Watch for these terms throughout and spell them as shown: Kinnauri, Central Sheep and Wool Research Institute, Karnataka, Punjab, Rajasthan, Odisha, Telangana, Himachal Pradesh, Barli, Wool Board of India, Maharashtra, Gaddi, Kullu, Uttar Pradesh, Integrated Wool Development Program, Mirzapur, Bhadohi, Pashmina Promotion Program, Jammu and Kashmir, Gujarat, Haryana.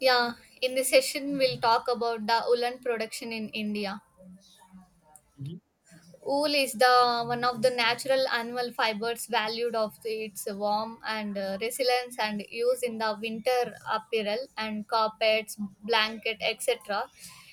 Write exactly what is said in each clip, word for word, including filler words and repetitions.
Yeah, in this session we'll talk about the woolen production in India. Mhm. Wool is the one of the natural animal fibers valued of its warmth and uh, resilience and used in the winter apparel and carpets, blanket, etcetera.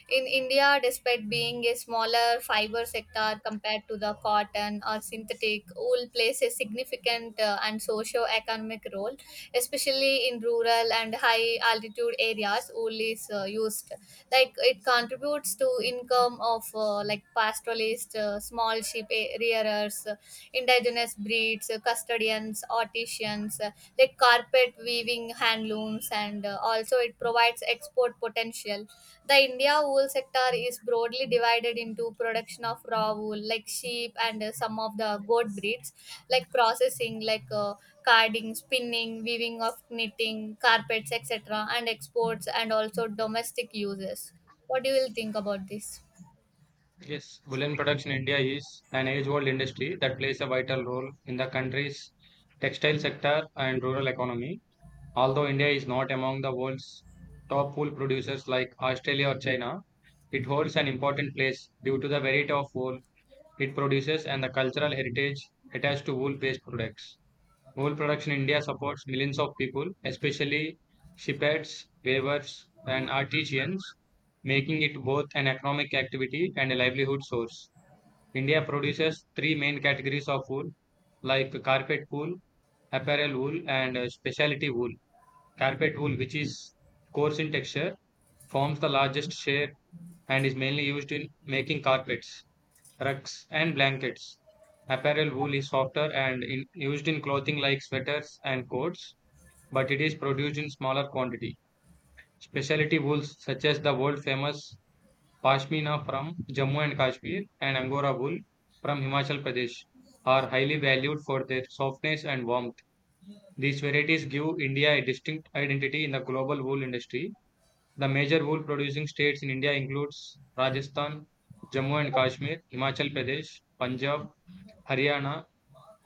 In India, despite being a smaller fiber sector compared to the cotton or synthetic, wool plays a significant uh, and socio-economic role, especially in rural and high-altitude areas. Wool is uh, used like it contributes to income of uh, like pastoralists, uh, small sheep a- rearers, uh, indigenous breeds, uh, custodians, artisans, uh, like carpet weaving, hand looms, and uh, also it provides export potential. The India wool sector is broadly divided into production of raw wool, like sheep and uh, some of the goat breeds, like processing, like uh, carding, spinning, weaving of knitting, carpets, etcetera, and exports and also domestic uses. What do you will think about this? Yes, woolen production in India is an age-old industry that plays a vital role in the country's textile sector and rural economy. Although India is not among the world's top wool producers like Australia or China, it holds an important place due to the variety of wool it produces and the cultural heritage attached to wool-based products. Wool production in India supports millions of people, especially shepherds, weavers, and artisans, making it both an economic activity and a livelihood source. India produces three main categories of wool, like carpet wool, apparel wool, and uh, specialty wool. Carpet wool, which is coarse in texture, forms the largest share and is mainly used in making carpets, rugs, and blankets. Apparel wool is softer and in, used in clothing like sweaters and coats, but it is produced in smaller quantity. Specialty wools such as the world famous pashmina from Jammu and Kashmir and angora wool from Himachal Pradesh are highly valued for their softness and warmth. These varieties give India a distinct identity in the global wool industry. The major wool producing states in India includes Rajasthan, Jammu and Kashmir, Himachal Pradesh, Punjab, Haryana,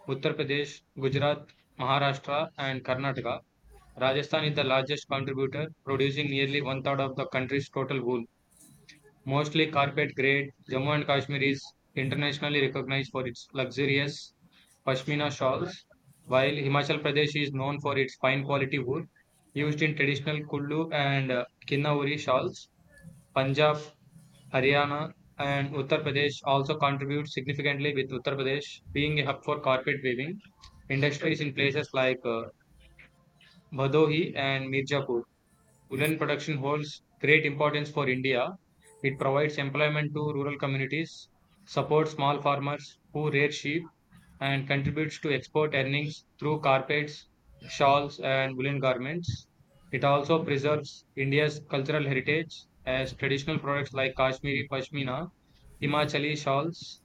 Uttar Pradesh, Gujarat, Maharashtra and Karnataka. Rajasthan is the largest contributor, producing nearly one third of the country's total wool. Mostly carpet grade, Jammu and Kashmir is internationally recognized for its luxurious pashmina shawls, while Himachal Pradesh is known for its fine quality wool used in traditional Kullu and uh, Kinnauri shawls. Punjab, Haryana, and Uttar Pradesh also contribute significantly, with Uttar Pradesh being a hub for carpet weaving industries in places like uh, Bhadohi and Mirzapur. Woolen production holds great importance for India. It provides employment to rural communities, supports small farmers who rear sheep, and contributes to export earnings through carpets, shawls, and woolen garments. It also preserves India's cultural heritage as traditional products like Kashmiri pashmina, Himachali shawls,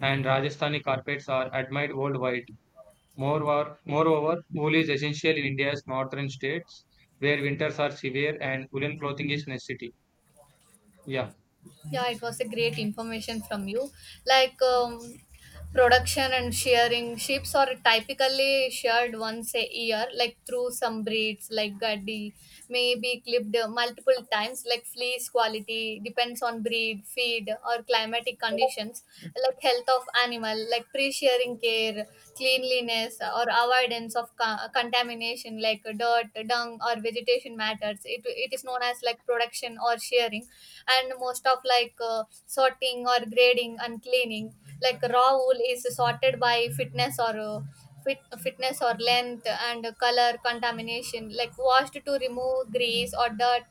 and Rajasthani carpets are admired worldwide. Moreover, moreover, wool is essential in India's northern states where winters are severe and woolen clothing is necessity. Yeah, Yeah, it was a great information from you. Like, um, Production and shearing. Sheep's are typically sheared once a year, like through some breeds, like Gaddi, may be clipped multiple times, like fleece quality depends on breed, feed, or climatic conditions, like health of animal, like pre-shearing care, cleanliness, or avoidance of co- contamination, like dirt, dung, or vegetation matters. It, it is known as like production or shearing, and most of like uh, sorting or grading and cleaning. Like raw wool is sorted by fitness or uh, fit, fitness or length and color contamination. Like washed to remove grease or dirt.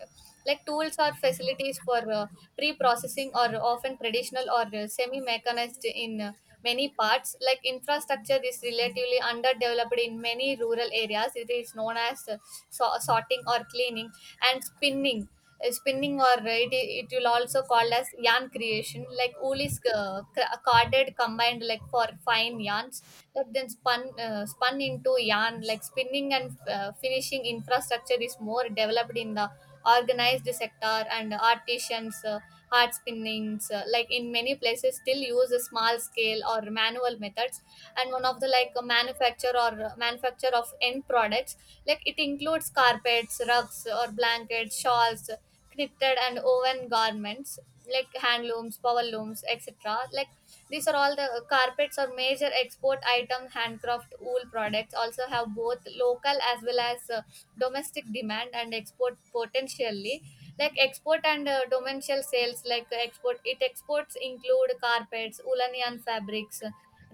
Like tools or facilities for uh, pre-processing are often traditional or uh, semi-mechanized in uh, many parts. Like infrastructure is relatively underdeveloped in many rural areas. It is known as uh, so- sorting or cleaning, and spinning. Uh, spinning or uh, it, it will also called as yarn creation, like wool is uh, cr- carded combined like for fine yarns that then spun uh, spun into yarn, like spinning and uh, finishing infrastructure is more developed in the organized sector, and artisans uh, hard spinnings uh, like in many places still use a small scale or manual methods, and one of the like a manufacture or uh, manufacture of end products, like it includes includes carpets, rugs or blankets, shawls, knitted and woven garments, like hand looms, power looms, etcetera. Like these are all the carpets or major export item, handcraft wool products also have both local as well as uh, domestic demand and export potentially, like export and uh, domestic sales, like uh, export it exports include carpets, woolen yarn, fabrics,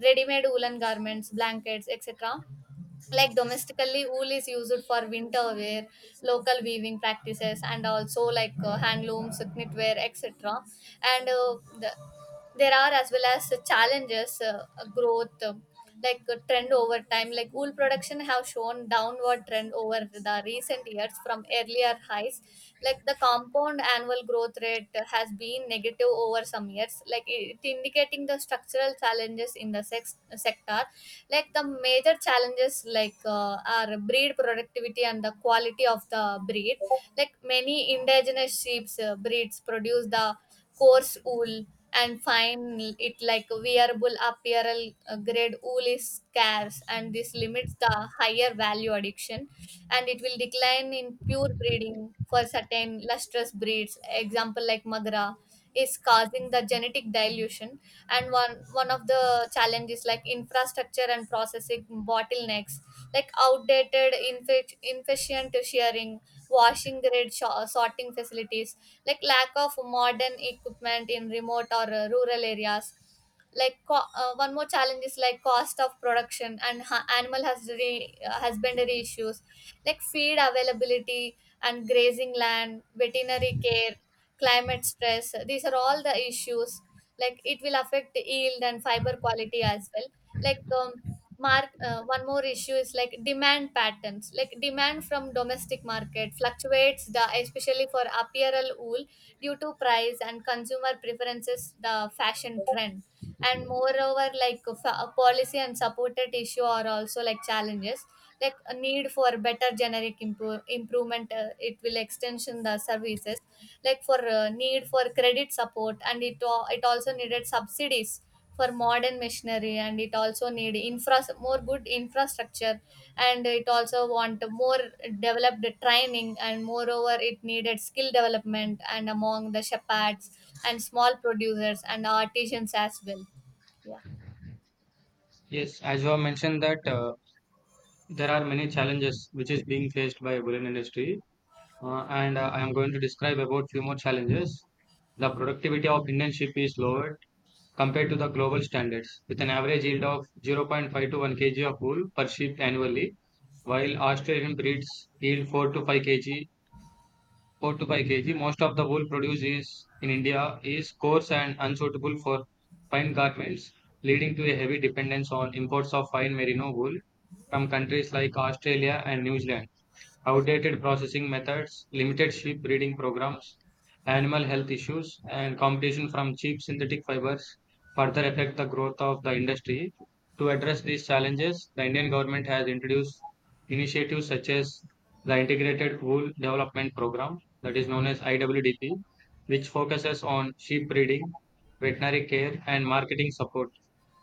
ready made woolen garments, blankets, etc. Like domestically wool is used for winter wear, local weaving practices, and also like uh, handlooms, knitwear, etc. And uh, the there are as well as challenges, uh, uh, growth, uh, like uh, trend over time. Like wool production have shown downward trend over the recent years from earlier highs. Like the compound annual growth rate has been negative over some years. Like it indicating the structural challenges in the sex- sector. Like the major challenges like uh, are breed productivity and the quality of the breed, like many indigenous sheep breeds produce the coarse wool, and fine it like wearable apparel uh, grade wool is scarce and this limits the higher value addiction. And it will decline in pure breeding for certain lustrous breeds, example like magra, is causing the genetic dilution. And one one of the challenges like infrastructure and processing bottlenecks, like outdated, ineffic- inefficient sharing, washing grade, sho- sorting facilities, like lack of modern equipment in remote or uh, rural areas. Like co- uh, one more challenge is like cost of production and ha- animal husbandry, uh, husbandry issues, like feed availability and grazing land, veterinary care, climate stress, these are all the issues. Like it will affect yield and fiber quality as well. Like um, mark uh, One more issue is like demand patterns, like demand from domestic market fluctuates the especially for apparel wool due to price and consumer preferences, the fashion trend. And moreover, like fa- policy and supported issue are also like challenges, like a need for better generic improve, improvement, uh, it will extension the services, like for uh, need for credit support, and it al- it also needed subsidies for modern machinery, and it also need infra more good infrastructure, and it also want more developed training, and moreover it needed skill development and among the shepherds and small producers and artisans as well. Yeah. yes, as you have mentioned that uh, there are many challenges which is being faced by woolen industry, uh, and uh, I am going to describe about few more challenges. The productivity of Indian sheep is lowered compared to the global standards, with an average yield of zero point zero point five to one k g of wool per sheep annually, while Australian breeds yield four to five k g four to five kilograms. Most of the wool produced is in India is coarse and unsuitable for fine garments, leading to a heavy dependence on imports of fine merino wool from countries like Australia and New Zealand. Outdated processing methods, limited sheep breeding programs, animal health issues, and competition from cheap synthetic fibers further affect the growth of the industry. To address these challenges, the Indian government has introduced initiatives such as the Integrated Wool Development Program, that is known as I W D P, which focuses on sheep breeding, veterinary care, and marketing support.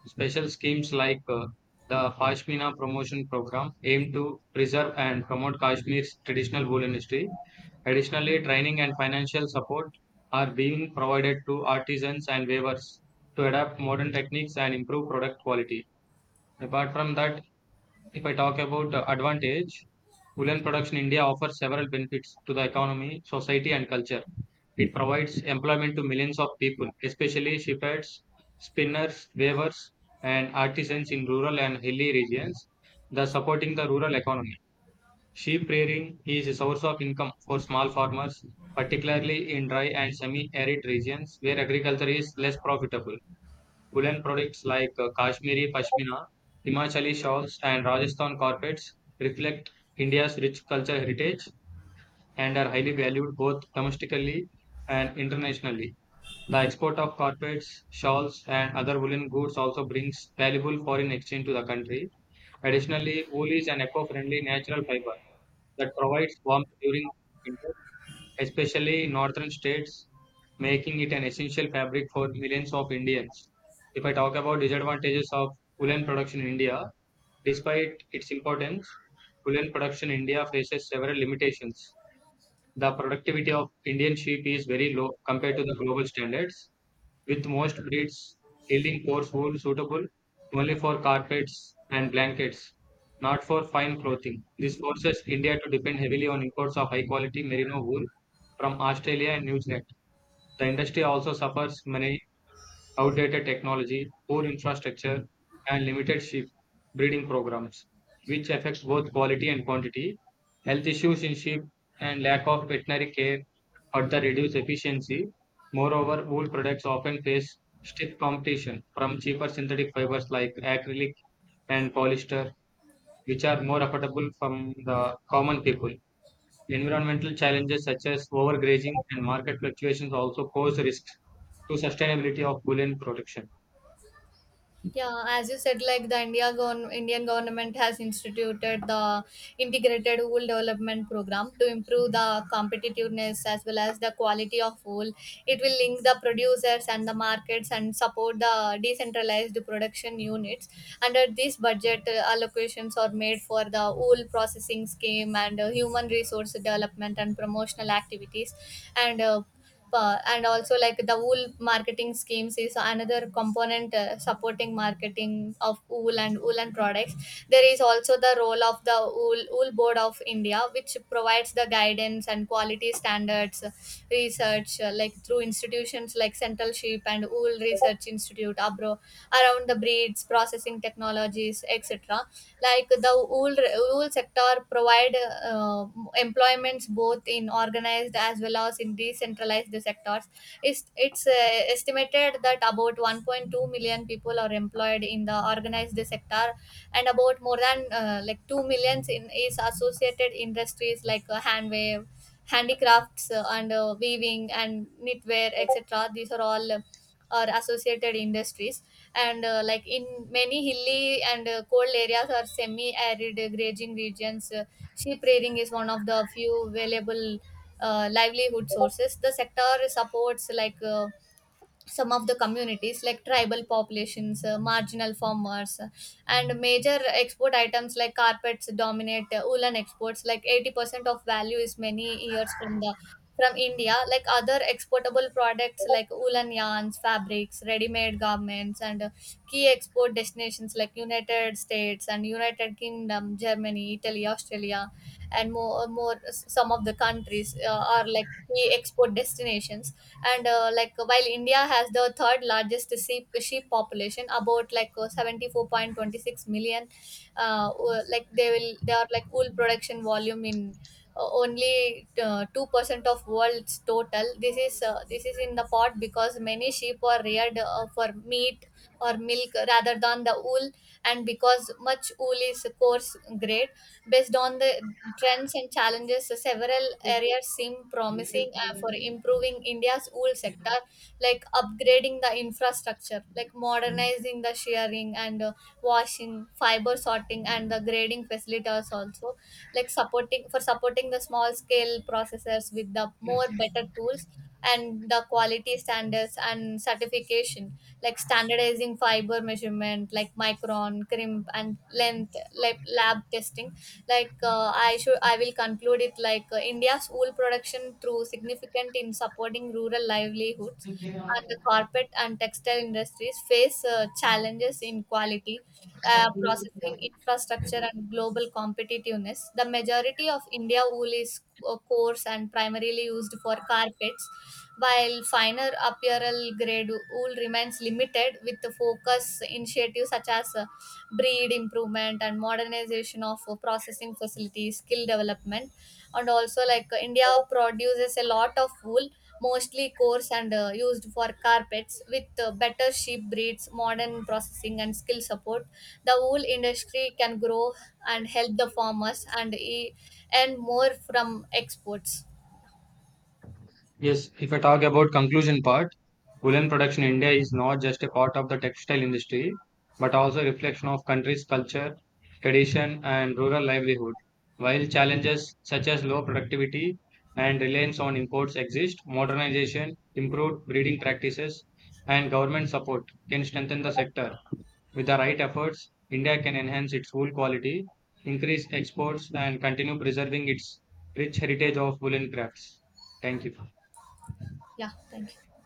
Special schemes like uh, the Pashmina Promotion Program aim to preserve and promote Kashmir's traditional wool industry. Additionally, training and financial support are being provided to artisans and weavers to adapt modern techniques and improve product quality. Apart from that, if I talk about uh, advantage, woolen production in India offers several benefits to the economy, society, and culture. It provides employment to millions of people, especially shepherds, spinners, weavers, and artisans in rural and hilly regions, thus supporting the rural economy. Sheep rearing is a source of income for small farmers, particularly in dry and semi arid regions where agriculture is less profitable. Woolen products like uh, Kashmiri pashmina, Himachali shawls, and Rajasthan carpets reflect India's rich cultural heritage and are highly valued both domestically and internationally. The export of carpets, shawls, and other woolen goods also brings valuable foreign exchange to the country. Additionally, wool is an eco-friendly natural fiber that provides warmth during winter, especially in northern states, making it an essential fabric for millions of Indians. If I talk about disadvantages of woolen production in India, despite its importance, woolen production in India faces several limitations. The productivity of Indian sheep is very low compared to the global standards, with most breeds yielding coarse wool suitable only for carpets and blankets, not for fine clothing. This forces India to depend heavily on imports of high quality merino wool from Australia and New Zealand. The industry also suffers many outdated technology, poor infrastructure, and limited sheep breeding programs, which affects both quality and quantity. Health issues in sheep and lack of veterinary care further reduce efficiency. Moreover, wool products often face stiff competition from cheaper synthetic fibers like acrylic and polyester, which are more affordable from the common people. Environmental challenges such as overgrazing and market fluctuations also pose risks to sustainability of wool and production. Yeah, as you said, like the India gov- Indian government has instituted the integrated wool development program to improve the competitiveness as well as the quality of wool. It will link the producers and the markets and support the decentralized production units. Under this budget, uh, allocations are made for the wool processing scheme and uh, human resource development and promotional activities, and uh, uh, and also like the wool marketing schemes is another component uh, supporting marketing of wool and woolen products. There is also the role of the wool, wool board of India, which provides the guidance and quality standards, research like through institutions like Central Sheep and Wool Research Institute abroad around the breeds, processing technologies, etcetera. Like the wool, wool sector provide uh, employments both in organized as well as in decentralized sectors. It's, it's uh, estimated that about one point two million people are employed in the organized sector, and about more than uh, like two millions in is associated industries like uh, handwave handicrafts uh, and uh, weaving and knitwear, etc. These are all uh, are associated industries. And uh, like in many hilly and uh, cold areas or semi arid grazing regions, uh, sheep rearing is one of the few available uh, livelihood sources. The sector supports like uh, some of the communities like tribal populations, uh, marginal farmers, uh, and major export items like carpets dominate uh, woolen exports, like eighty percent of value is many years from the from India, like other exportable products like woolen yarns, fabrics, ready made garments, and uh, key export destinations like United States and United Kingdom, Germany, Italy, Australia, and more more some of the countries uh, are like key export destinations. And uh, like while India has the third largest sheep, sheep population about like uh, seventy-four point two six million. Uh, wo- like they will they are like wool production volume in uh, only uh, two percent of world's total. This is uh, this is in the part because many sheep are reared uh, for meat or milk rather than the wool, and because much wool is coarse grade. Based on the trends and challenges, so several areas seem promising uh, for improving India's wool sector, like upgrading the infrastructure, like modernizing the shearing and uh, washing, fiber sorting, and the grading facilities also, like supporting for supporting the small scale processors with the more better tools, and the quality standards and certification, like standardizing fiber measurement, like micron, crimp, and length, like lab testing. Like uh, i should i will conclude it. Like uh, india's wool production through significant in supporting rural livelihoods and the corporate and textile industries face uh, challenges in quality, uh, processing infrastructure, and global competitiveness. The majority of India wool is uh, coarse and primarily used for carpets, while finer apparel grade wool remains limited with the focus initiatives such as uh, breed improvement and modernization of uh, processing facilities, skill development, and also like uh, India produces a lot of wool mostly coarse and uh, used for carpets. With uh, better sheep breeds, modern processing, and skill support, the wool industry can grow and help the farmers and e- earn more from exports. Yes, if I talk about conclusion part, woolen production in India is not just a part of the textile industry, but also a reflection of country's culture, tradition, and rural livelihood. While challenges such as low productivity and reliance on imports exist, modernization, improved breeding practices, and government support can strengthen the sector. With the right efforts, India can enhance its wool quality, increase exports, and continue preserving its rich heritage of woolen crafts. Thank you. Yeah, thank you.